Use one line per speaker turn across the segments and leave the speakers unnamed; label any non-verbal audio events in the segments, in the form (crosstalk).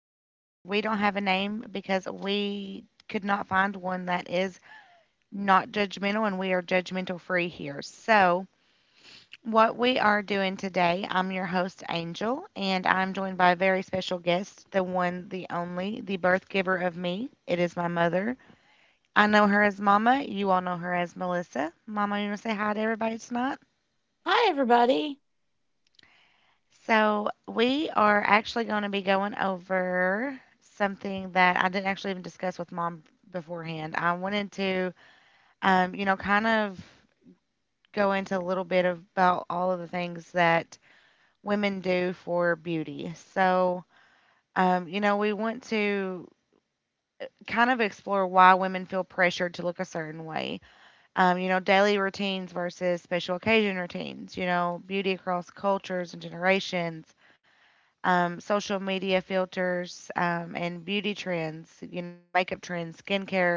where we don't have a name because we could not find one that is not judgmental and we are judgmental free here. So, what we are doing today, I'm your host, Angel, and I'm joined by a very special guest, the one, the only, the birth giver of me. It is my mother. I know her as Mama. You all know her as Melissa. Mama, you want to say hi to everybody tonight?
Hi, everybody. (laughs)
So, we are actually going to be going over something that I didn't actually even discuss with mom beforehand. I wanted to, kind of go into a little bit about all of the things that women do for beauty. So, we want to kind of explore why women feel pressured to look a certain way. Daily routines versus special occasion routines, you know, beauty across cultures and generations, social media filters, and beauty trends. You know, makeup trends, skincare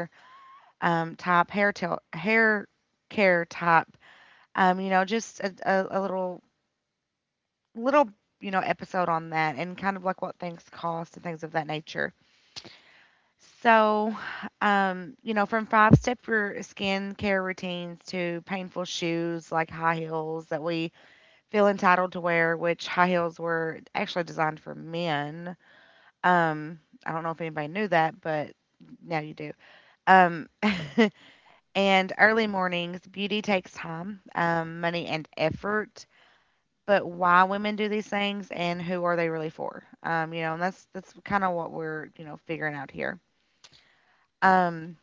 type, hair care type. Just a little episode on that, and kind of like what things cost and things of that nature. So, from five step skincare routines to painful shoes like high heels that we feel entitled to wear, which high heels were actually designed for men. Um, I don't know if anybody knew that, but now you do. Um, (laughs) and early mornings, beauty takes time, money, and effort. But why women do these things and who are they really for? And that's kind of what we're figuring out here. Um,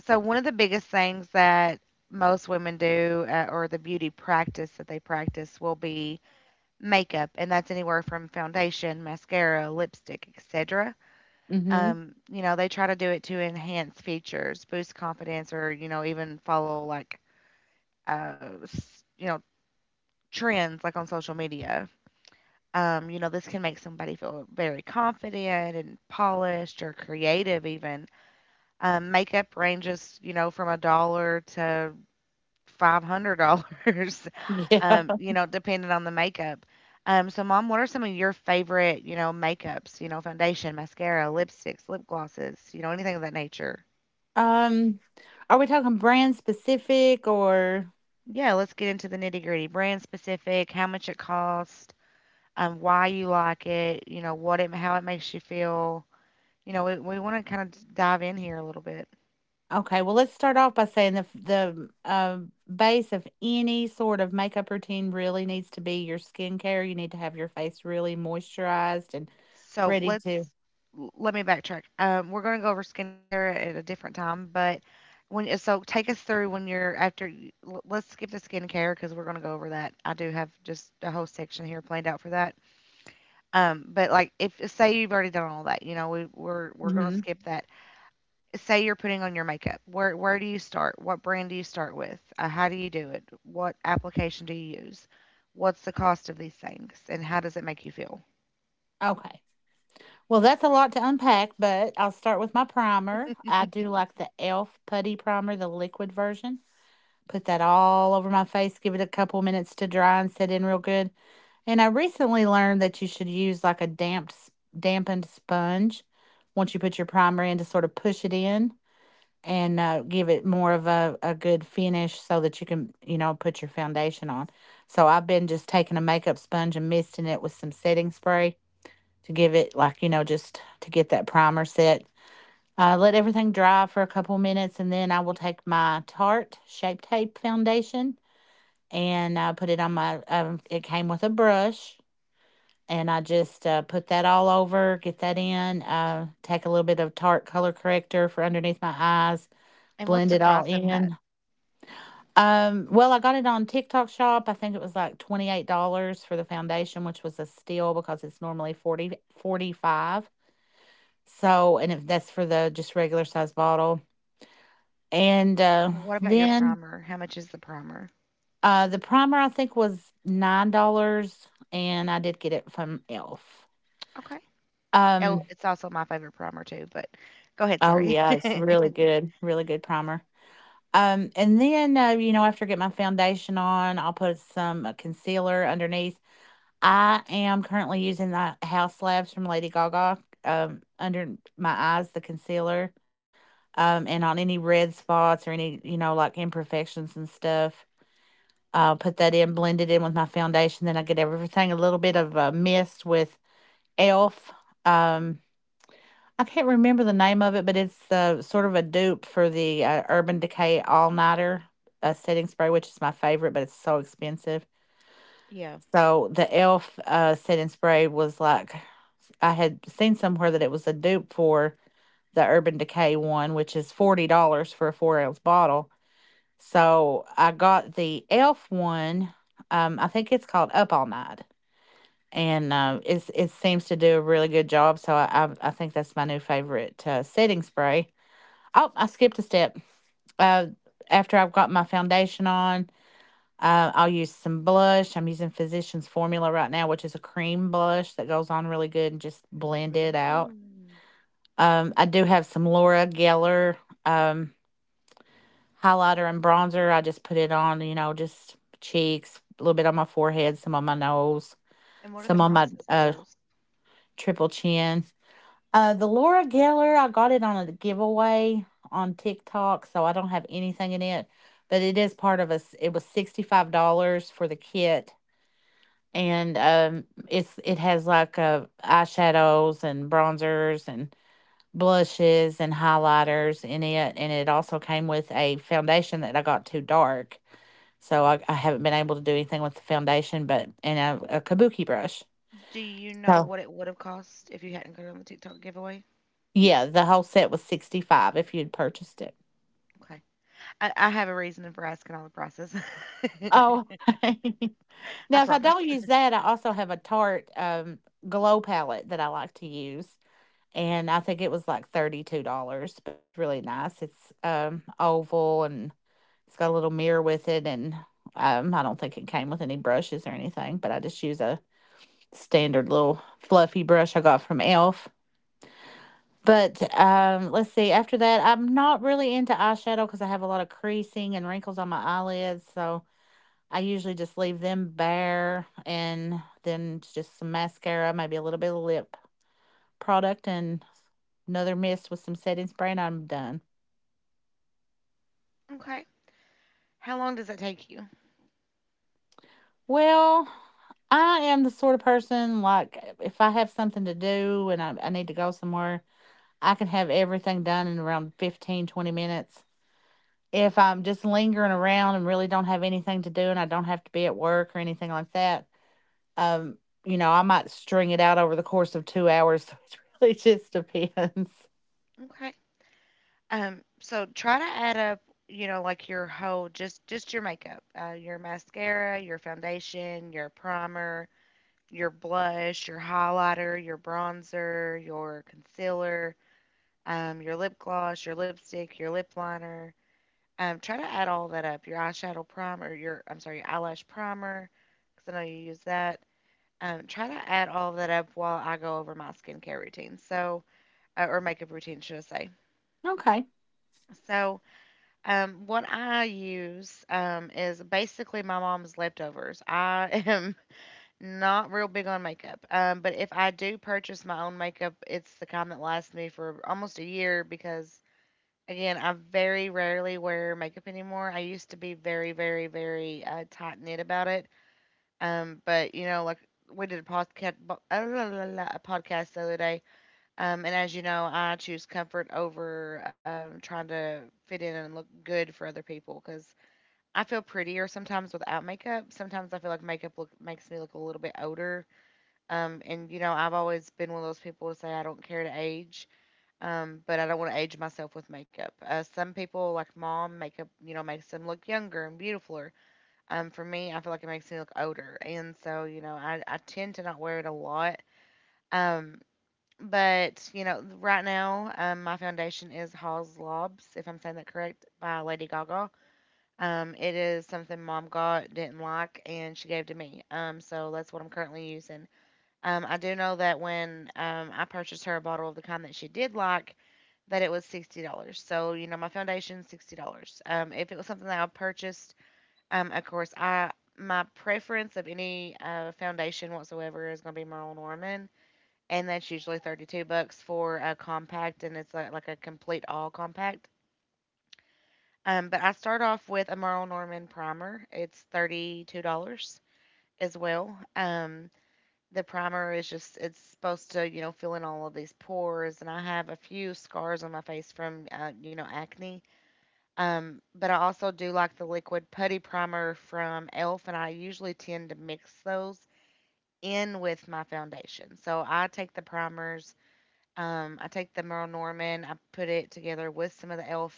so one of the biggest things that most women do, or the beauty practice that they practice, will be makeup, and that's anywhere from foundation, mascara, lipstick, etc. You know, they try to do it to enhance features, boost confidence, or you know, even follow like uh, s- you know, trends like on social media. You know, this can make somebody feel very confident and polished or creative even. Makeup ranges, you know, from a dollar to $500, (laughs)
Yeah.
you know, depending on the makeup. So mom, what are some of your favorite, you know, makeups, you know, foundation, mascara, lipsticks, lip glosses, you know, anything of that nature?
Um, are we talking brand specific or—
Yeah, let's get into the nitty gritty. Brand specific, how much it costs, why you like it, you know, what it, how it makes you feel. You know, we want to kind of dive in here a little bit.
okay? Well, let's start off by saying the base of any sort of makeup routine really needs to be your skincare. You need to have your face really moisturized and
So
ready to.
let's let me backtrack. We're going to go over skincare at a different time, but when so take us through when you're after. Let's skip the skincare because we're going to go over that. I do have just a whole section here planned out for that. But like if say you've already done all that, you know, we're going to
Mhm.
skip that say you're putting on your makeup. Where do you start? What brand do you start with? How do you do it? What application do you use? What's the cost of these things, and how does it make you feel?
Okay. Well, that's a lot to unpack, but I'll start with my primer. I do like the e.l.f. putty primer, the liquid version. Put that all over my face, give it a couple minutes to dry and set in real good. And I recently learned that you should use like a damp, dampened sponge once you put your primer in to sort of push it in and give it more of a good finish so that you can, you know, put your foundation on. So I've been just taking a makeup sponge and misting it with some setting spray to give it, like, you know, just to get that primer set. Let everything dry for a couple minutes and then I will take my Tarte Shape Tape foundation and put it on my, it came with a brush and I just put that all over, get that in, take a little bit of Tarte color corrector for underneath my eyes,
And what's the
blend it all
price of that?
in. Well, I got it on TikTok shop. I think it was like $28 for the foundation, which was a steal because it's normally 40-45. So, and if that's for the just regular size bottle. And
What about your
then
primer? How much is the primer?
the primer I think was $9 and I did get it from e.l.f.
Okay. Oh,
Um,
it's also my favorite primer too. But go ahead.
Oh,
Sorry.
yeah, it's
(laughs)
really good, really good primer. And then, you know, after I get my foundation on, I'll put some concealer underneath. I am currently using the House Labs from Lady Gaga, under my eyes, the concealer, and on any red spots or any, you know, like imperfections and stuff. I'll put that in, blend it in with my foundation. Then I get everything a little bit of a mist with e.l.f. Um. I can't remember the name of it, but it's, sort of a dupe for the, Urban Decay All Nighter, setting spray, which is my favorite, but it's so expensive.
Yeah.
So the e.l.f., setting spray was like I had seen somewhere that it was a dupe for the Urban Decay one, which is $40 for a 4-ounce bottle. So I got the e.l.f. one, I think it's called Up All Night, and, it seems to do a really good job, so I think that's my new favorite, setting spray. Oh, I skipped a step. Uh, After I've got my foundation on, I'll use some blush. I'm using Physicians Formula right now, which is a cream blush that goes on really good and just blend it out.
Mm.
I do have some Laura Geller um, highlighter and bronzer. I just put it on, you know, just cheeks, a little bit on my forehead, some on my nose,
And what are the
some on my
prices of those?
triple chin. The Laura Geller, I got it on a giveaway on TikTok, so I don't have anything in it, but it is part of us. It was $65 for the kit, and it has like eyeshadows and bronzers and blushes and highlighters in it, and it also came with a foundation that I got too dark, so I haven't been able to do anything with the foundation, but and a kabuki brush.
Do you know
So
what it would have cost if you hadn't gone on the TikTok giveaway?
yeah, the whole set was 65 if you'd purchased it.
Okay. I have a reason for asking all the prices.
Oh,
(laughs)
(laughs)
I
now if I
promise.
don't use that, I also have a Tarte glow palette that I like to use, and I think it was like $32, but it's really nice. It's oval and it's got a little mirror with it, and I don't think it came with any brushes or anything, but I just use a standard little fluffy brush I got from e.l.f. But let's see, after that, I'm not really into eyeshadow because I have a lot of creasing and wrinkles on my eyelids, so I usually just leave them bare and then just some mascara, maybe a little bit of lip product and another mist with some setting spray and I'm done.
Okay. How long does that take you?
Well, I am the sort of person like if I have something to do and I need to go somewhere, I can have everything done in around 15-20 minutes. If I'm just lingering around and really don't have anything to do and I don't have to be at work or anything like that, Um, you know, I might string it out over the course of 2 hours. (laughs) So it really just depends.
Okay. So try to add up, you know, like your whole just your makeup, your mascara, your foundation, your primer, your blush, your highlighter, your bronzer, your concealer, your lip gloss, your lipstick, your lip liner. Try to add all that up. Your eyeshadow primer, your I'm sorry, your eyelash primer, because I know you use that. Try to add all that up while I go over my skincare routine. So or makeup routine, should I say.
Okay.
So, what I use is basically my mom's leftovers. I am (laughs) not real big on makeup, but if I do purchase my own makeup, it's the kind that lasts me for almost a year because, again, I very rarely wear makeup anymore. I used to be very, very, very tight knit about it. But, you know, like we did a podcast the other day. And as you know, I choose comfort over trying to fit in and look good for other people because I feel prettier sometimes without makeup. Sometimes I feel like makes me look a little bit older. And you know, I've always been one of those people to say I don't care to age, but I don't want to age myself with makeup. Some people, like mom, makeup makes them look younger and beautifuler. For me, I feel like it makes me look older, and so you know, I tend to not wear it a lot. Um, but, you know, right now, my foundation is Hall's Lobs, if I'm saying that correct, by Lady Gaga. It is something mom got, didn't like, and she gave to me. So that's what I'm currently using. I do know that when I purchased her a bottle of the kind that she did like, that it was $60. So, you know, my foundation, $60. If it was something that I purchased, of course, I my preference of any foundation whatsoever is going to be Marilyn Norman, and that's usually 32 bucks for a compact and it's like a complete all compact. But I start off with a Merle Norman primer. It's $32 as well. The primer is just it's supposed to you know fill in all of these pores and I have a few scars on my face from you know acne. But I also do like the liquid putty primer from Elf and I usually tend to mix those in with my foundation so I take the primers. I take the Merle Norman. I put it together with some of the Elf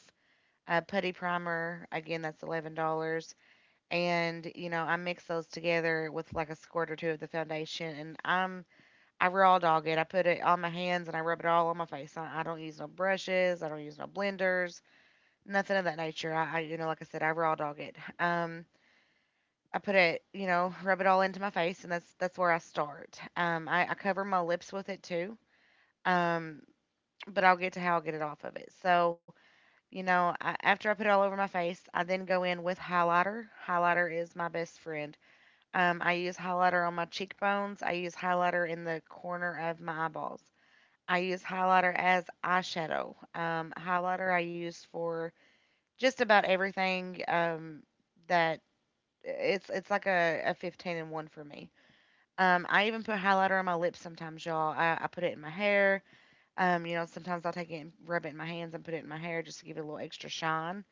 putty primer. Again, that's $11. And you know, I mix those together with like a squirt or two of the foundation. And I raw dog it. I put it on my hands and I rub it all on my face. I don't use no brushes. I don't use no blenders. Nothing of that nature. I you know, like I said, I raw dog it. I put it, you know, rub it all into my face, and that's where I start. I cover my lips with it too. Um, but I'll get to how I'll get it off of it. So, you know, I, after I put it all over my face, I then go in with highlighter. Highlighter is my best friend. I use highlighter on my cheekbones. I use highlighter in the corner of my eyeballs. I use highlighter as eyeshadow. Highlighter I use for just about everything that it's like a 15 and 1 for me. I even put highlighter on my lips sometimes, y'all. I put it in my hair. You know, sometimes I'll take it and rub it in my hands and put it in my hair just to give it a little extra shine.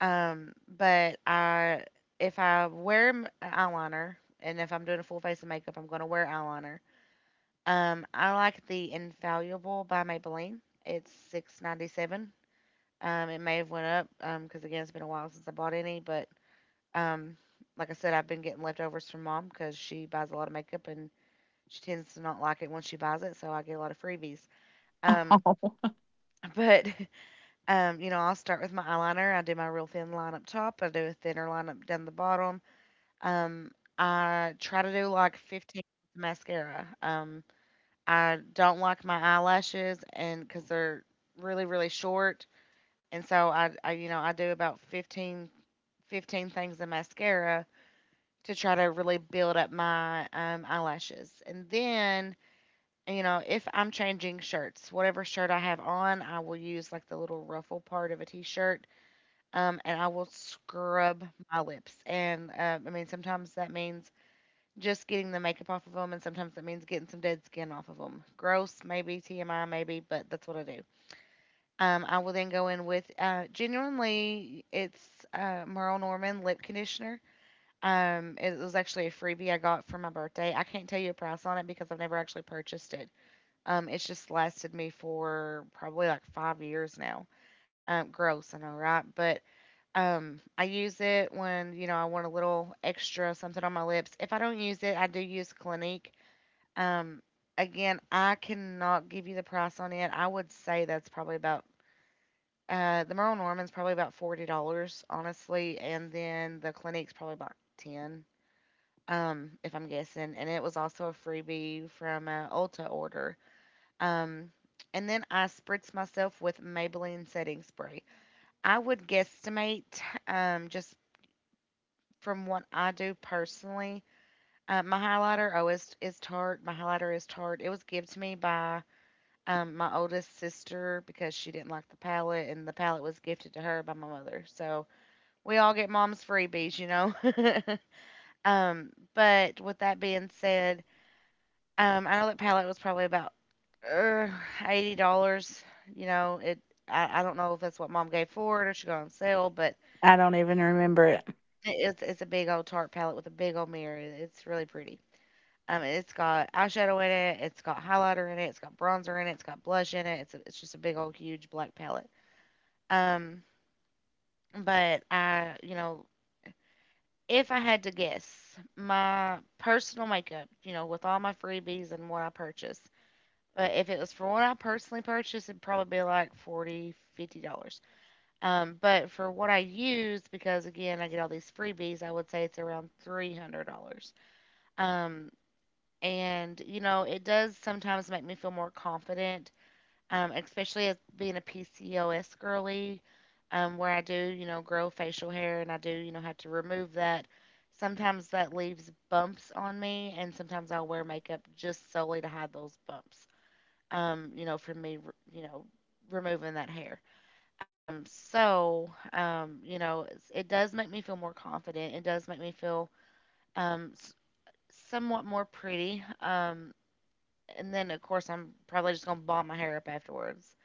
Um, but I, if I wear eyeliner and if I'm doing a full face of makeup, I'm going to wear eyeliner. I like the Infallible by Maybelline. It's 6.97. It may have went up because again, it's been a while since I bought any. But um, like I said, I've been getting leftovers from mom because she buys a lot of makeup and she tends to not like it once she buys it, so I get a lot of freebies. Um,
(laughs) Oh,
but (laughs) you know, I'll start with my eyeliner. I do my real thin line up top. I do a thinner line up down the bottom. Um, I try to do like 15 mascara. I don't like my eyelashes and because they're really, really short. And so you know, I do about 15, 15 things of mascara to try to really build up my eyelashes. And then, you know, if I'm changing shirts, whatever shirt I have on, I will use like the little ruffle part of a t shirt and I will scrub my lips. And I mean, sometimes that means just getting the makeup off of them, and sometimes that means getting some dead skin off of them. Gross, maybe TMI, maybe, but that's what I do. I will then go in with genuinely, it's Merle Norman lip conditioner. It was actually a freebie I got for my birthday. I can't tell you a price on it because I've never actually purchased it. It's just lasted me for probably like 5 years now. Gross, I know, right? But I use it when, I want a little extra something on my lips. If I don't use it, I do use Clinique. Um, Again, I cannot give you the price on it. I would say that's probably about the Merle Norman's probably about $40, honestly, and then the Clinique's probably about ten. If I'm guessing. And it was also a freebie from an Ulta order. Um and then I spritz myself with Maybelline setting spray. I would guesstimate, just from what I do personally, my highlighter is Tarte. My highlighter is Tarte. It was given to me by my oldest sister because she didn't like the palette, and the palette was gifted to her by my mother. So we all get mom's freebies, you know. (laughs) But with that being said, I know that palette was probably about uh, $80. You know, it. I don't know if that's what mom gave for it or she got on sale, but
I don't even remember it.
it's a big old Tarte palette with a big old mirror. It's really pretty. It's got eyeshadow in it, it's got highlighter in it, it's got bronzer in it, it's got blush in it. It's just a big old huge black palette. Um, but I, you know, if I had to guess, my personal makeup, you know, with all my freebies and what I purchase, but if it was for what I personally purchased, it'd probably be like 40 dollars. $50. But for what I use, because again, I get all these freebies, I would say it's around $300. Um, and you know, it does sometimes make me feel more confident, especially as being a PCOS girly, where I do, you know, grow facial hair and I do, you know, have to remove that. Sometimes that leaves bumps on me, and sometimes I'll wear makeup just solely to hide those bumps, you know, from me, you know, removing that hair. So, you know, it's- it does make me feel more confident. It does make me feel um, s- somewhat more pretty. And then, of course, I'm probably just going to bob my hair up afterwards.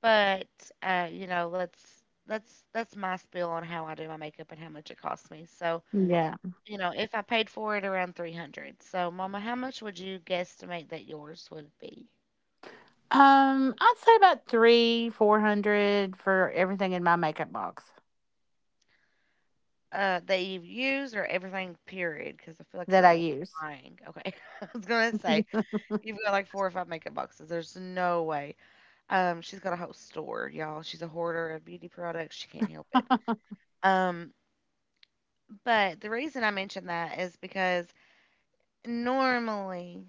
But you know, let's that's my spiel on how I do my makeup and how much it costs me. So,
Yeah.
you know, if I paid for it around 300. So, mama, how much would you guesstimate that yours would be?
I'd say about three, 400 for everything in my makeup box
That you've used or everything period because I feel like
that
you're
I use.
lying. Okay. (laughs) I was going to say you've got like four or five makeup boxes. There's no way. She's got a whole store, y'all. She's a hoarder of beauty products. She can't help it.
(laughs)
Um, but the reason I mention that is because normally,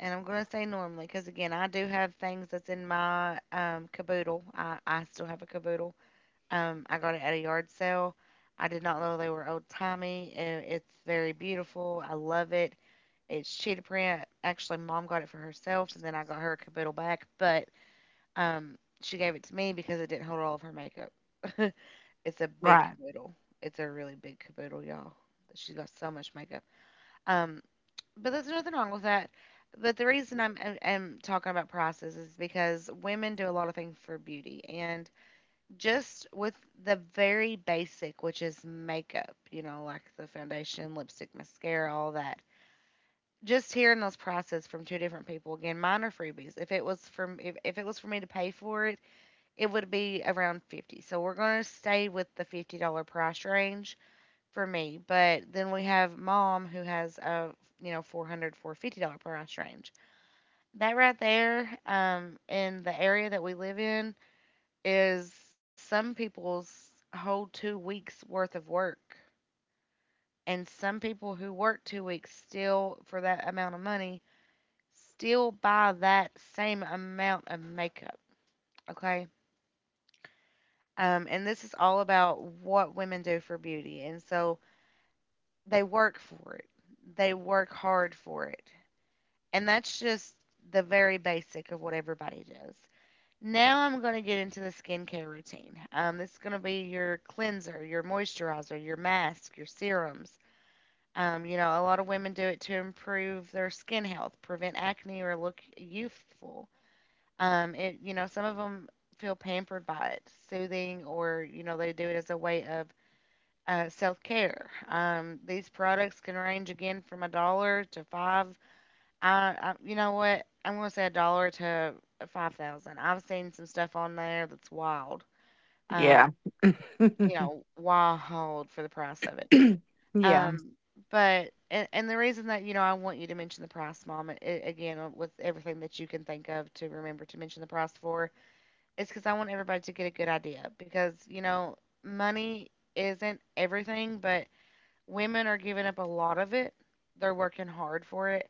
and I'm going to say normally because again, I do have things that's in my caboodle. I still have a caboodle. I got it at a yard sale. I did not know they were old timey. It's very beautiful. I love it. It's cheetah print. Actually, mom got it for herself, and then I got her a caboodle back. But um, she gave it to me because it didn't hold all of her makeup. (laughs) It's a big
Right.
caboodle. It's a really big caboodle, y'all. She's got so much makeup. Um, but there's nothing wrong with that. But the reason I'm talking about prices is because women do a lot of things for beauty. And just with the very basic, which is makeup, you know, like the foundation, lipstick, mascara, all that. Just hearing those prices from two different people, again, mine are freebies. If it was from if it was for me to pay for it, it would be around 50. So we're gonna stay with the $50 price range for me. But then we have mom who has a, you know, 400, 450 dollar price range. That right there, in the area that we live in, is some people's whole 2 weeks worth of work, and some people who work 2 weeks still for that amount of money still buy that same amount of makeup. Okay. And this is all about what women do for beauty. And so they work for it. They work hard for it. And that's just the very basic of what everybody does. Now I'm going to get into the skincare routine. This is going to be your cleanser, your moisturizer, your mask, your serums. You know, a lot of women do it to improve their skin health, prevent acne, or look youthful. You know, some of them feel pampered by it, soothing, or, you know, they do it as a way of self care. These products can range again from a dollar to five I you know what? I'm gonna say a dollar to 5,000. I've seen some stuff on there that's wild.
Yeah.
Um, you
(clears throat)
know, wild for the price of it.
Yeah.
Um, but and the reason that, you know, I want you to mention the price, Mom, I again, with everything that you can think of to remember to mention the price for, is because I want everybody to get a good idea. Because you know, money isn't everything, but women are giving up a lot of it. They're working hard for it,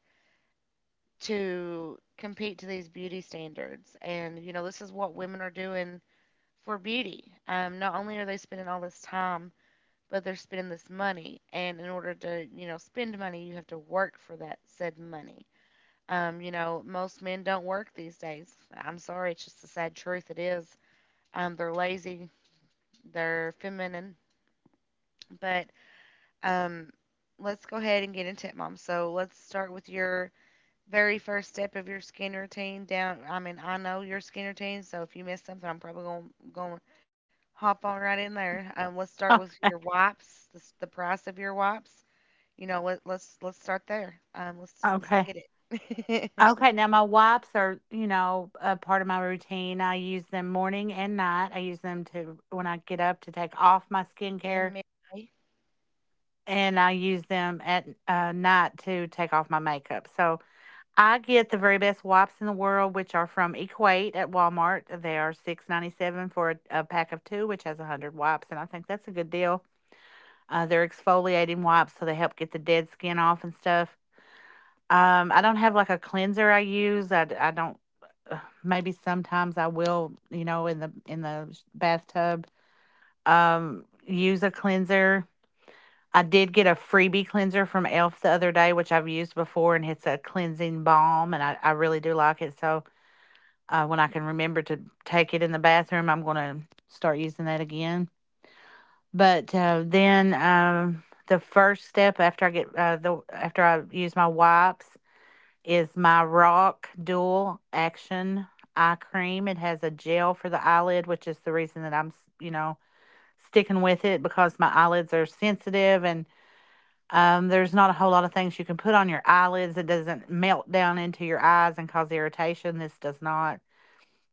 to compete to these beauty standards. And, you know, this is what women are doing for beauty. Not only are they spending all this time, but they're spending this money. And in order to, you know, spend money, you have to work for that said money. You know, most men don't work these days. I'm sorry, it's just the sad truth. It is. They're lazy, they're feminine. But um, let's go ahead and get into it, Mom. So let's start with your very first step of your skin routine down. I mean, I know your skin routine, so if you miss something, I'm probably going to hop on right in there. Let's start with
Okay.
your wipes, the price of your wipes. You know, let's start there. Let's
Okay.
get it. (laughs)
Okay. Now my wipes are, you know, a part of my routine. I use them morning and night. I use them to when I get up to take off my skincare
In May.
and I use them at night to take off my makeup. So I get the very best wipes in the world, which are from Equate at Walmart. They are 6.97 for a pack of two, which has 100 wipes, and I think that's a good deal. They're exfoliating wipes, so they help get the dead skin off and stuff. I don't have like a cleanser I use. I don't. uh, Maybe sometimes I will, you know, in the bathtub, use a cleanser. I did get a freebie cleanser from e.l.f. the other day, which I've used before, and it's a cleansing balm, and I really do like it. So when I can remember to take it in the bathroom, I'm going to start using that again. But then the first step after I get the after I use my wipes is my Rock Dual Action Eye Cream. It has a gel for the eyelid, which is the reason that I'm you know sticking with it because my eyelids are sensitive and there's not a whole lot of things you can put on your eyelids. It doesn't melt down into your eyes and cause irritation. This does not.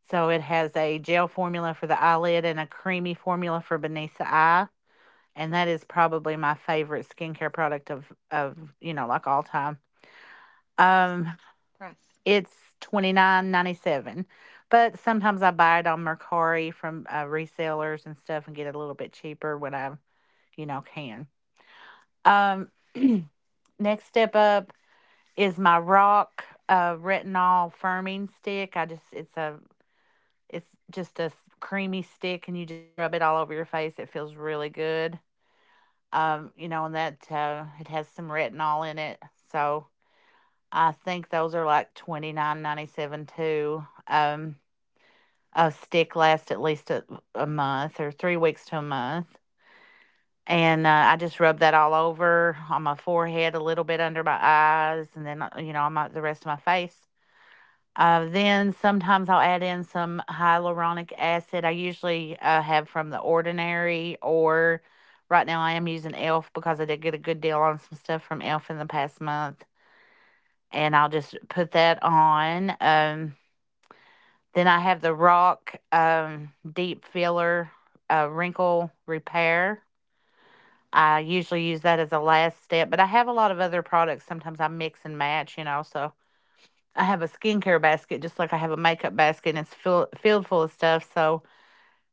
So it has a gel formula for the eyelid and a creamy formula for beneath the eye. And that is probably my favorite skincare product of, like all time.
Price,
Um,
price.
it's 29.97. But sometimes I buy it on Mercari from resellers and stuff and get it a little bit cheaper when I, you know, can. Um (clears throat) Next step up is my Rock retinol firming stick. I just it's a It's just a creamy stick and you just rub it all over your face. It feels really good. And that, it has some retinol in it. So I think those are like 29.97 too. A stick lasts at least a month or 3 weeks to a month. And I just rub that all over on my forehead, a little bit under my eyes, and then, you know, on the rest of my face. Then sometimes I'll add in some hyaluronic acid. I usually have from The Ordinary, or right now I am using e.l.f. because I did get a good deal on some stuff from e.l.f. in the past month. And I'll just put that on. Then I have the Rock Deep Filler Wrinkle Repair. I usually use that as a last step, but I have a lot of other products. Sometimes I mix and match, you know, so I have a skincare basket just like I have a makeup basket and filled full of stuff. So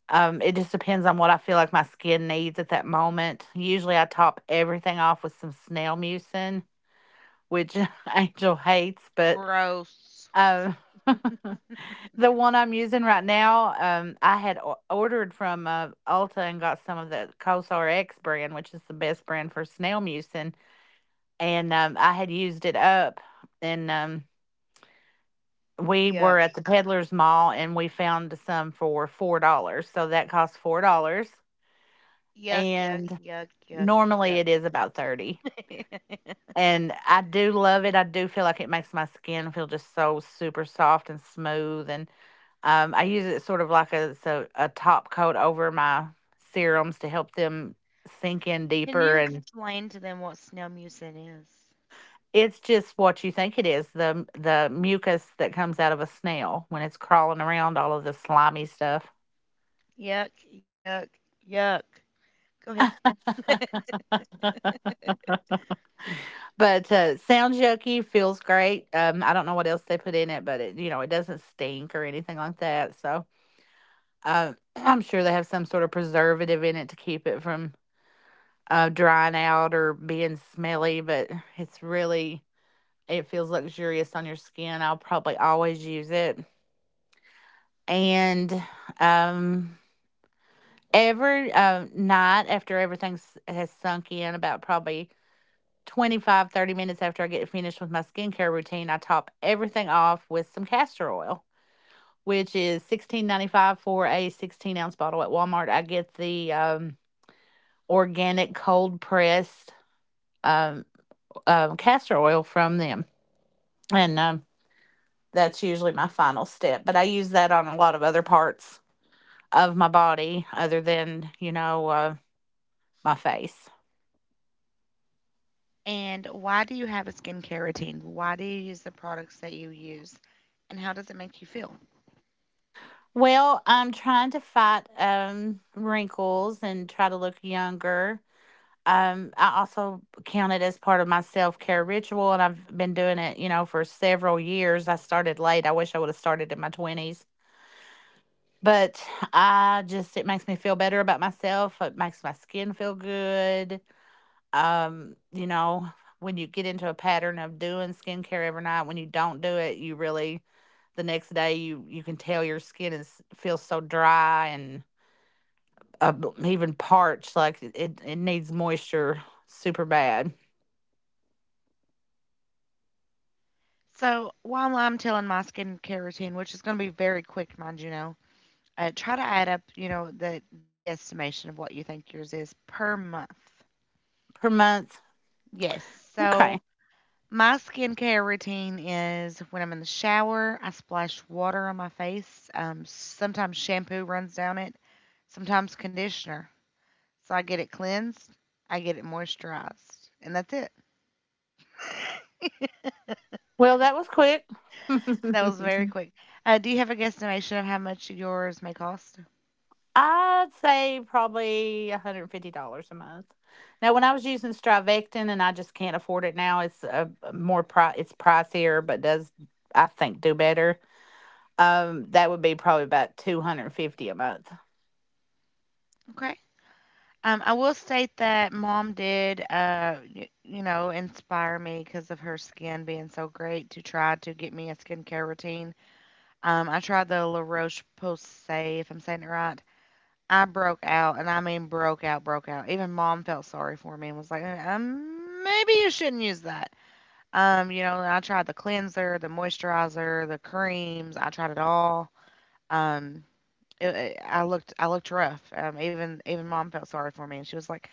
It just depends on what I feel like my skin needs at that moment. Usually I top everything off with some snail mucin, which (laughs) Angel hates, but
Gross.
um, (laughs) the one I'm using right now, I had ordered from Ulta and got some of the COSRX brand, which is the best brand for snail mucin. And I had used it up and we were
Yuck.
at the Peddler's Mall and we found some for $4. So that cost $4,
Yuck. Yuck.
and
Yuck. Yuck.
normally it is about 30.
Yuck. (laughs)
And I do love it. I do feel like it makes my skin feel just so super soft and smooth. And I use it sort of like a, it's a top coat over my serums to help them sink in
Can
deeper.
you
And
explain to them what snail mucin is?
it's just what you think it is, the mucus that comes out of a snail when it's crawling around, all of the slimy stuff.
Yuck. Yuck. Yuck. Go ahead.
But, sounds yucky, feels great. I don't know what else they put in it, but it doesn't stink or anything like that, so, (clears throat) I'm sure they have some sort of preservative in it to keep it from drying out or being smelly, but it's really, it feels luxurious on your skin. I'll probably always use it, and, um, every, night after everything's has sunk in about probably 25, 30 minutes after I get finished with my skincare routine, I top everything off with some castor oil, which is 16.95 for a 16-ounce bottle at Walmart. I get the organic cold pressed um, castor oil from them. And that's usually my final step. But I use that on a lot of other parts of my body other than, you know, my face.
And why do you have a skincare routine? Why do you use the products that you use? And how does it make you feel?
Well, I'm trying to fight wrinkles and try to look younger. I also count it as part of my self care ritual, and I've been doing it, you know, for several years. I started late. I wish I would have started in my 20s, but I just, it makes me feel better about myself. It makes my skin feel good. You know, when you get into a pattern of doing skincare every night, when you don't do it, you really, the next day, you can tell your skin is feels so dry and uh, even parched, like it needs moisture super bad
So, while I'm telling my skincare routine, which is going to be very quick, mind you know, try to add up, you know, the guesstimation of what you think yours is per month.
per month.
Yes. So,
Okay.
my skincare routine is when I'm in the shower, I splash water on my face. Sometimes shampoo runs down it, sometimes conditioner. So I get it cleansed, I get it moisturized, and that's it. (laughs)
Well, that was quick.
That was
(laughs)
very quick. Do you have a guesstimation of how much yours may cost?
I'd say probably $150 a month. Now, when I was using Strivectin and I just can't afford it now, it's a more pri it's pricier, but does, I think, do better. That would be probably about 250 a month.
Okay. I will state that mom did, you know, inspire me because of her skin being so great to try to get me a skincare routine. I tried the La Roche Posay, if I'm saying it right. I broke out, and I mean broke out, broke out. Even mom felt sorry for me and was like, maybe you shouldn't use that. You know, I tried the cleanser, the moisturizer, the creams. I tried it all. Um, I looked rough. Even mom felt sorry for me, and she was like,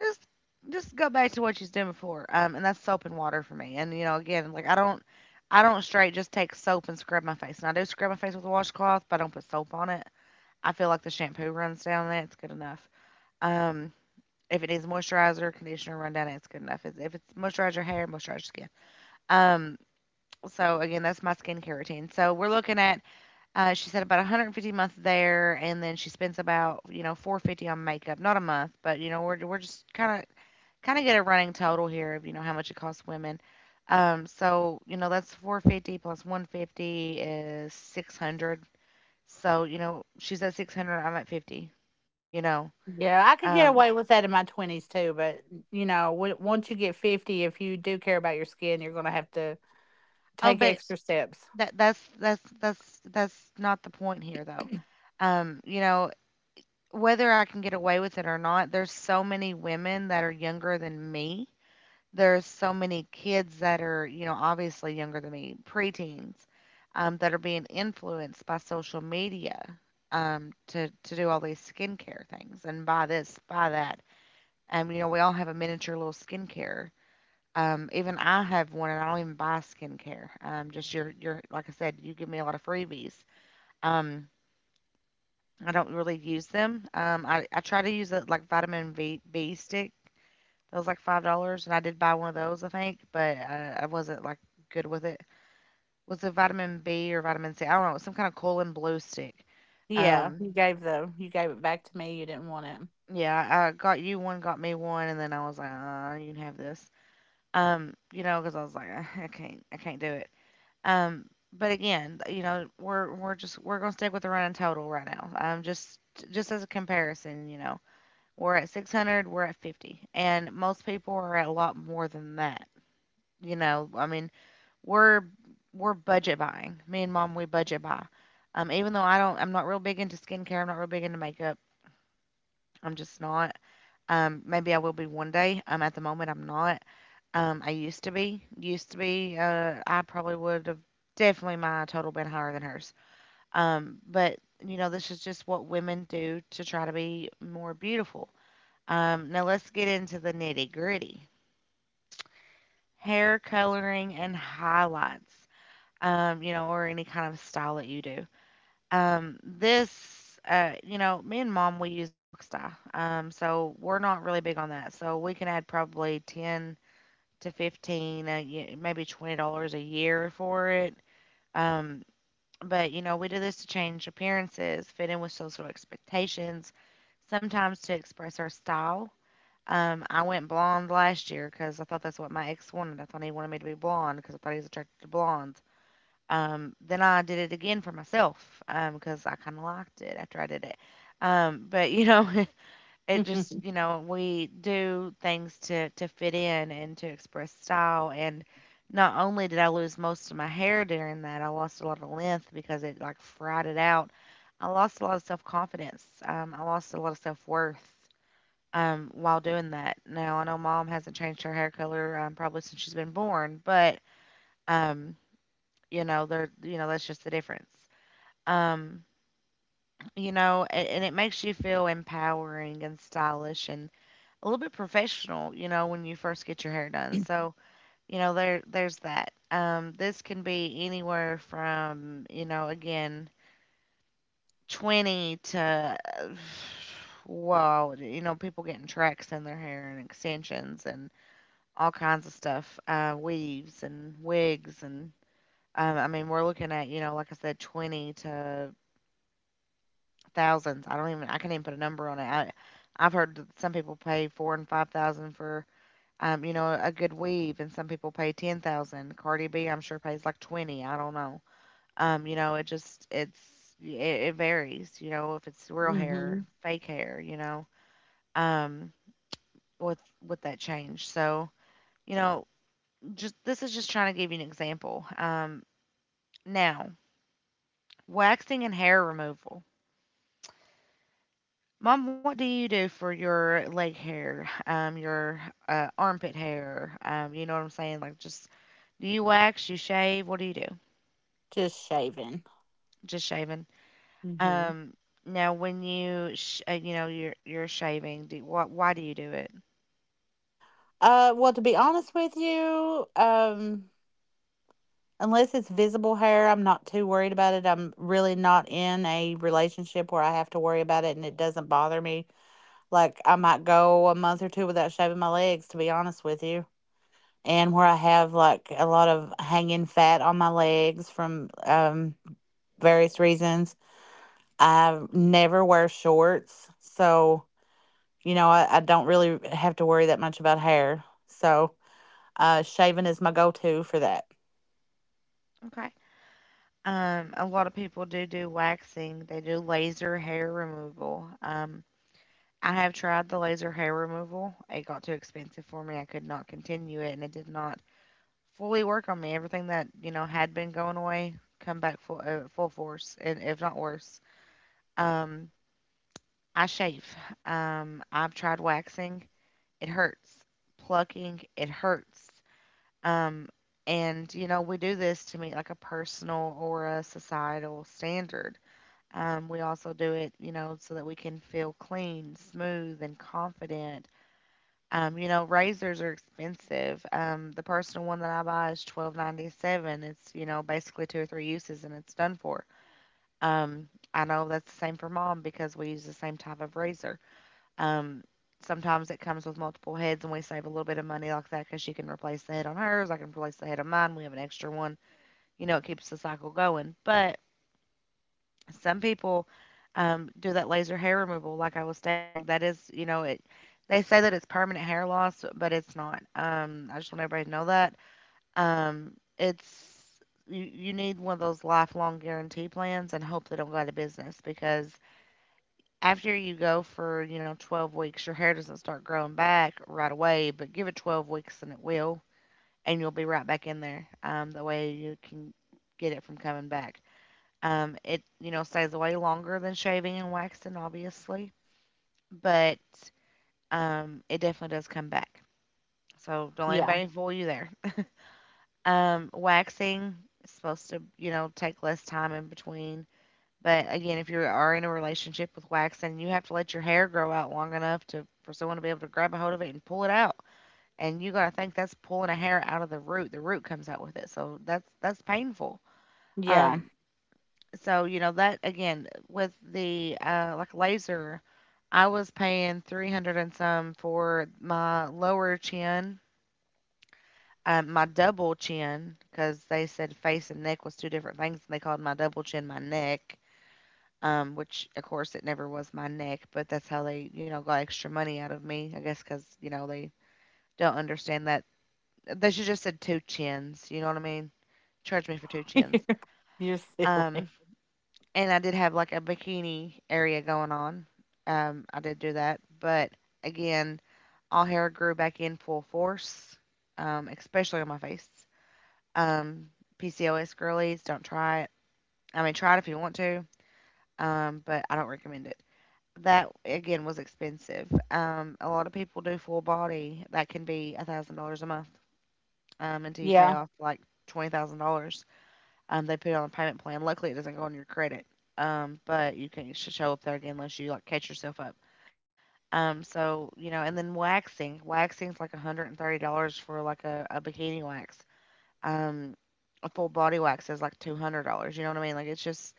"Just, just go back to what she's doing before." And that's soap and water for me. And you know, again, like I don't straight just take soap and scrub my face. And I do scrub my face with a washcloth, but I don't put soap on it. I feel like the shampoo runs down it. It's good enough. Um, if it needs moisturizer, conditioner, run down it. It's good enough. If it's moisturize your hair, moisturize your skin. Um so again, that's my skincare routine. So we're looking at, she said about 150 a month there, and then she spends about 450 on makeup, not a month, but you know we're just kind of get a running total here of you know how much it costs women. So you know that's 450 plus 150 is 600. So you know she's at 600, I'm at 50. You know,
Yeah, I could get
um,
away with that in my 20s too, but you know, when, once you get 50, if you do care about your skin, you're going to have to
oh,
take
but
extra steps.
That's not the point here though. Um, you know, Whether I can get away with it or not, there's so many women that are younger than me. There's so many kids that are, you know, obviously younger than me, preteens, that are being influenced by social media, to do all these skincare things and buy this, buy that. You know, we all have a miniature little skincare. Even I have one, and I don't even buy skincare. Just your like I said, you give me a lot of freebies. Um, I don't really use them. Um, I try to use it like vitamin B, B stick. That was like $5, and I did buy one of those, I think, but I wasn't like good with it. Was it vitamin B or vitamin C? I don't know. It was some kind of colon blue stick.
Yeah,
Um,
you gave it back to me. You didn't want
yeah, I got you one, got me one, and then I was like, you can have this. You know, because I was like, "Ah, I can't do it." Um, but again, you know, we're gonna stick with the running total right now. Just as a comparison, you know. We're at 600, we're at 50. And most people are at a lot more than that. You know, I mean, we're we're budget buying. Me and mom, we budget buy. Even though I don't, I'm not real big into skincare. I'm not real big into makeup. I'm just not. Maybe I will be one day. At the moment, I'm not. I used to be. Used to be. I probably would have definitely my total been higher than hers. But You know, this is just what women do to try to be more beautiful. Now let's get into the nitty gritty. Hair coloring and highlights, you know, or any kind of style that you do. You know, me and mom, we use box dye. So we're not really big on that. So we can add probably 10 to 15, maybe $20 a year for it. Um, but, you know, we do this to change appearances, fit in with social expectations, sometimes to express our style. I went blonde last year because I thought that's what my ex wanted. I thought he wanted me to be blonde because I thought he was attracted to blondes. Then I did it again for myself, because I kind of liked it after I did it. But You know, (laughs) it just
it.
you
(laughs)
know we do things to fit in and to express style. And not only did I lose most of my hair during that, I lost a lot of length because it like fried it out. I lost a lot of self confidence. I lost a lot of self worth, while doing that. Now, I know mom hasn't changed her hair color probably since she's been born, but um, you know, there, you know, that's just the difference. Um, you know, and it makes you feel empowering and stylish and a little bit professional, you know, when you first get your hair done. So, you know, there, there's that. This can be anywhere from, you know, again, 20 to uh, (sighs) wow, you know, people getting tracks in their hair and extensions and all kinds of stuff, weaves and wigs and I mean we're looking at you know like I said 20 to thousands. I can't even put a number on it. I've heard that some people pay 4 and 5 thousand for, you know, a good weave, and some people pay 10,000. Cardi B I'm sure pays like 20. I don't know. It's It varies. You know, if it's real hair,
Mhm.
fake hair. You know, um, with that change. So you know just this is just trying to give you an example. Now, waxing and hair removal. Mom, what do you do for your leg hair, your armpit hair? You know what I'm saying? Like, just do you wax? You shave? What do you do?
Just shaving.
Just shaving.
Mhm.
Um, Now, when you you know you're shaving, do, what why do you do it?
Well, to be honest with you, unless it's visible hair, I'm not too worried about it. I'm really not in a relationship where I have to worry about it, and it doesn't bother me. Like I might go a month or two without shaving my legs, to be honest with you, and where I have like a lot of hanging fat on my legs from various reasons. I never wear shorts, so. You know, I don't really have to worry that much about hair. So shaving is my go to for that.
Okay. A lot of people do do waxing. They do laser hair removal. I have tried the laser hair removal. It got too expensive for me. I could not continue it, and it did not fully work on me. Everything that you know had been going away, come back full full force, and if not worse. Um, I shave. I've tried waxing. It hurts. Plucking. It hurts. Um, and you know we do this to meet like a personal or a societal standard. We also do it, you know, so that we can feel clean, smooth, and confident. You know, razors are expensive. The personal one that I buy is 12.97. It's you know basically two or three uses and it's done for. Um, I know that's the same for mom because we use the same type of razor. Um, sometimes it comes with multiple heads and we save a little bit of money like that because she can replace the head on hers. I can replace the head on mine. We have an extra one. You know, it keeps the cycle going. But some people, do that laser hair removal, like I was stating. That is, you know, it. They say that it's permanent hair loss, but it's not. I just want everybody to know that. Um, it's you, you need one of those lifelong guarantee plans and hope they don't go out of business because after you go for you know 12 weeks, your hair doesn't start growing back right away. But give it 12 weeks and it will, and you'll be right back in there. That way you can get it from coming back. It you know stays way longer than shaving and waxing, obviously, but it definitely does come back. So don't let
Yeah.
anybody fool you there. (laughs) Waxing is supposed to you know take less time in between, but again, if you are in a relationship with waxing, you have to let your hair grow out long enough to for someone to be able to grab a hold of it and pull it out. And you gotta think that's pulling a hair out of the root. The root comes out with it, so that's painful.
Yeah.
Um, So, you know, that again with the like laser, I was paying 300 and some for my lower chin, my double chin because they said face and neck was two different things and they called my double chin my neck. Which of course it never was my neck, but that's how they, you know, got extra money out of me, I guess, because, you know, they don't understand that. They should just said two chins, you know what I mean? Charge me for two chins.
(laughs) You're
Um,
silly.
and I did have like a bikini area going on. I did do that, but again, all hair grew back in full force, especially on my face. Um, PCOS girlies, don't try it. I mean, try it if you want to, but I don't recommend it. That again was expensive. A lot of people do full body. That can be $1,000 a month, until you pay
Yeah.
off like $20,000. They put it on a payment plan. Luckily, it doesn't go on your credit. But you can't show up there again unless you like catch yourself up. So you know, and then waxing. Waxing is like $130 for like a bikini wax. Um, a full body wax is like $200. You know what I mean? Like it's just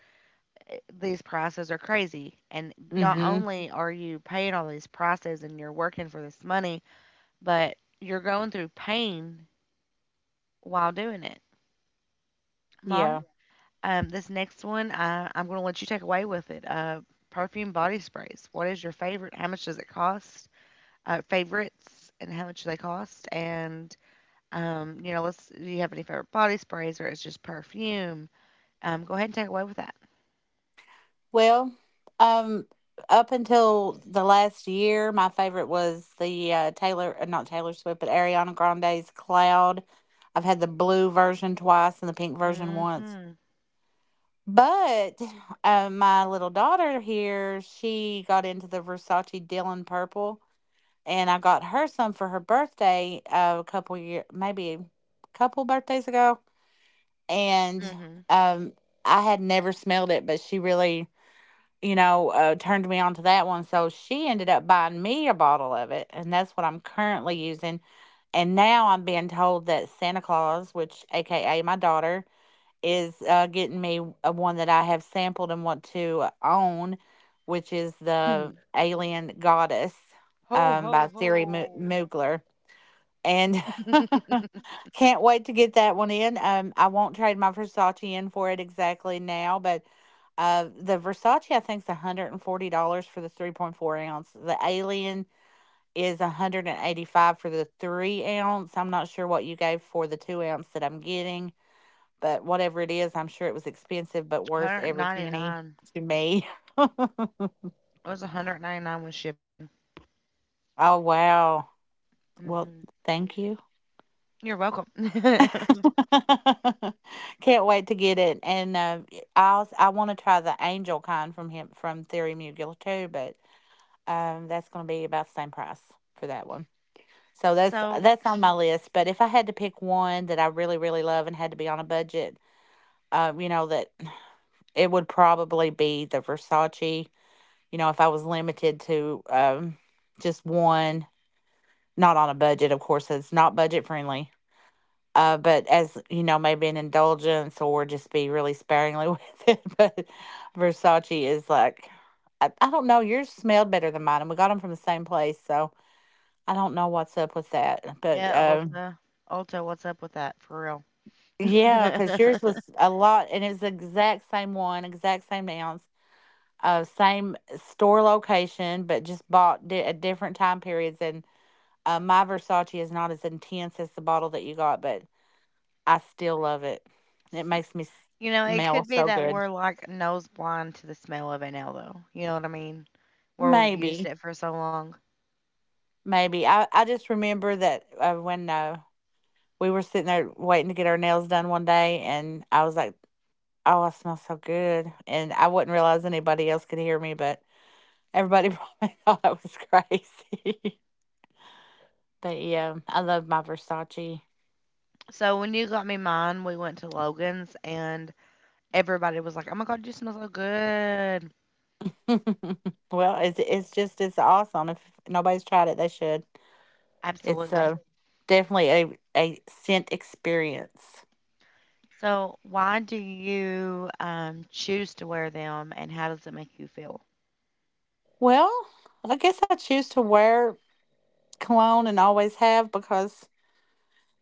these prices are crazy. And not
Mm-hmm.
only are you paying all these prices and you're working for this money, but you're going through pain while doing it. Mom,
Yeah.
This next one, I'm going to let you take away with it. Perfume body sprays. What is your favorite? How much does it cost? Favorites and how much do they cost? And you know, let's. Do you have any favorite body sprays or it's just perfume? Go ahead and take away with that.
Well, um, up until the last year, my favorite was the Taylor, not Taylor Swift, but Ariana Grande's Cloud. I've had the blue version twice and the pink version once.
Mhm.
But (sighs) my little daughter here, she got into the Versace Dylan purple, and I got her some for her birthday a couple year, maybe a couple birthdays ago. And
Mhm.
um, I had never smelled it, but she really, you know, turned me on to that one. So she ended up buying me a bottle of it, and that's what I'm currently using. And now I'm being told that Santa Claus, which AKA my daughter, is getting me a one that I have sampled and want to own, which is the
Mhm.
Alien Goddess,
Ho ho
by
ho.
Siri Mu- Moogler, and (laughs) can't wait to get that one in. I won't trade my Versace in for it exactly now, but the Versace I think is $140 for the 3.4 ounce. The Alien is 185 for the 3 ounce. I'm not sure what you gave for the 2 ounce that I'm getting, but whatever it is, I'm sure it was expensive, but worth every penny
199.
to me. (laughs) Oh,
It was 199 with shipping.
wow! Well,
Mhm.
thank you.
You're welcome. (laughs)
(laughs) Can't wait to get it. And I also, I want to try the angel kind from him, from Theory Mugler too, but that's going to be about the same price for that one. So
so
that's on my list. But if I had to pick one that I really really love and had to be on a budget, you know that (clears throat) it would probably be the Versace. You know, if I was limited to just one, not on a budget, of course, it's not budget friendly, but as you know, maybe an indulgence or just be really sparingly (laughs) with it. But Versace is like, I don't know. Yours smelled better than mine, and we got them from the same place, so I don't know what's up with that. But
yeah, Ulta. Ulta, what's up with that for real? (laughs)
yeah, because yours was a lot, and it was the exact same one, exact same ounce, same store location, but just bought di- at different time periods. And my Versace is not as intense as the bottle that you got, but I still love it. It makes me s-
You know, it
smell
could be
so
that
good.
we're like nose blind to the smell of a nail, though. You know what I mean? Where we've used
Maybe,
it for so long.
maybe. I just remember that when we were sitting there waiting to get our nails done one day, and I was like, "Oh, I smell so good," and I wouldn't realize anybody else could hear me, but everybody (laughs) probably thought I was crazy. (laughs) But yeah, I love my Versace.
So when you got me mine, we went to Logan's and everybody was like, "Oh my God, you smell so good!"
(laughs) Well, it's just it's awesome. If nobody's tried it, they should. It's
Absolutely.
definitely a scent experience.
So why do you choose to wear them, and how does it make you feel?
Well, I guess I choose to wear cologne and always have because,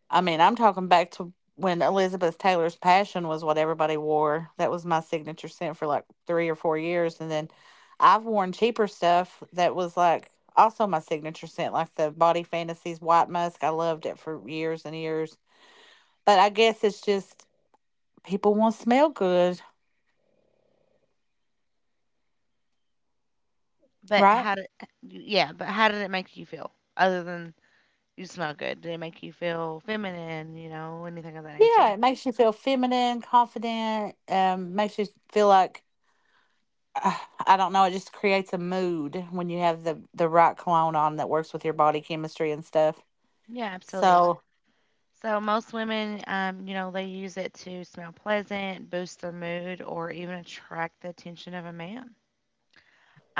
I mean, I'm talking back to when Elizabeth Taylor's Passion was what everybody wore. That was my signature scent for like 3 or 4 years. And then I've worn cheaper stuff that was like also my signature scent, like the Body Fantasies White Musk. I loved it for years and years. But I guess it's just people want to smell good,
But
right?
how did, yeah, but how did it make you feel? Other than you smell good, did it make you feel feminine? You know, anything of that
Yeah,
nature?
it makes you feel feminine, confident, makes you feel like uh, I don't know. It just creates a mood when you have the right cologne on that works with your body chemistry and stuff.
Yeah, absolutely.
So
So most women, you know, they use it to smell pleasant, boost their mood, or even attract the attention of a man.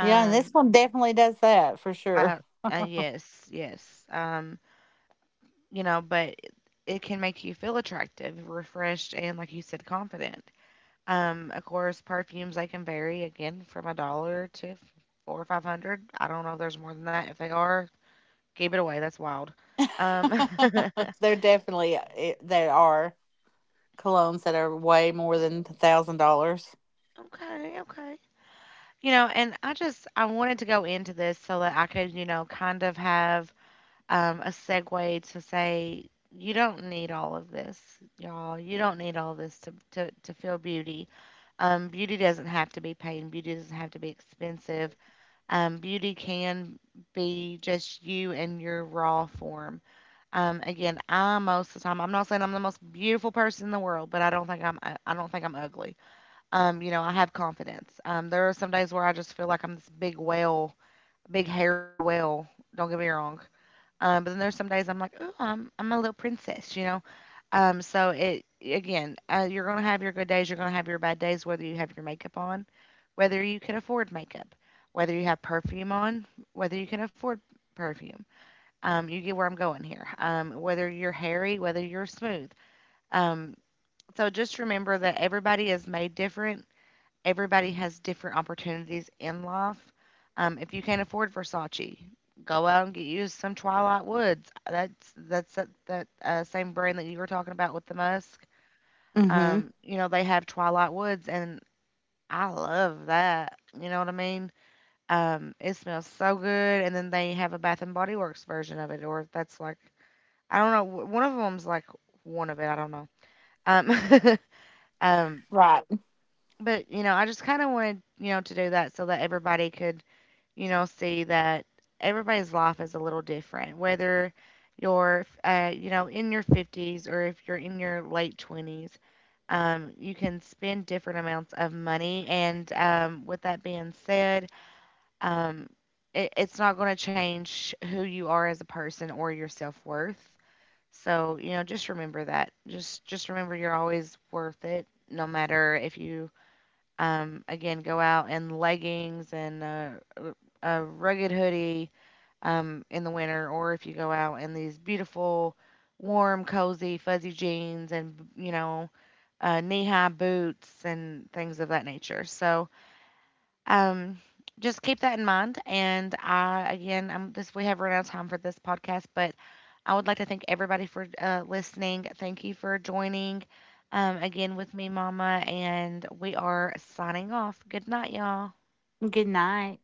yeah, and this one definitely does that for sure.
uh, yes, yes. You know, but it can make you feel attractive, refreshed, and like you said, confident. Of course, perfumes they can vary again from a dollar to four or five hundred. I don't know if there's more than that. If they are, keep it away. That's wild. Um, (laughs)
(laughs) They're definitely it- they are colognes that are way more than $1,000.
okay, okay. You know, and I just I wanted to go into this so that I could, you know, kind of have a segue to say you don't need all of this, y'all. You don't need all this to to feel beauty. Beauty doesn't have to be paid. Beauty doesn't have to be expensive. Beauty can be just you in your raw form. Again, I most of the time I'm not saying I'm the most beautiful person in the world, but I don't think I'm ugly. You know, I have confidence. There are some days where I just feel like I'm this big whale, big hairy whale. Don't get me wrong. But then there's some days I'm like, oh, I'm a little princess, you know. So it Again, you're gonna have your good days, you're gonna have your bad days, whether you have your makeup on, whether you can afford makeup, whether you have perfume on, whether you can afford perfume. You get where I'm going here. Whether you're hairy, whether you're smooth. Um, so just remember that everybody is made different, everybody has different opportunities in life. If you can't afford Versace, go out and get you some Twilight Woods. That same brand that you were talking about with the Musk.
Mm-hmm.
You know they have Twilight Woods, and I love that. You know what I mean? It smells so good, and then they have a Bath and Body Works version of it, or if that's like I don't know. One of them's like one of it. I don't know. Um, (laughs) um,
Right.
but you know, I just kind of wanted to do that so that everybody could see that everybody's life is a little different, whether you know, in your 50s or if you're in your late 20s. You can spend different amounts of money, and with that being said, um, it's not going to change who you are as a person or your self worth. So you know, just remember that. Just remember you're always worth it, no matter if you again, go out in leggings and r- a rugged hoodie in the winter, or if you go out in these beautiful, warm, cozy, fuzzy jeans and, you know, knee high boots and things of that nature. So, um, just keep that in mind. And I, again, I'm this. We have run out of time for this podcast, but I would like to thank everybody for listening. Thank you for joining. Again with me, Mama, and we are signing off. Good night, y'all.
Good night.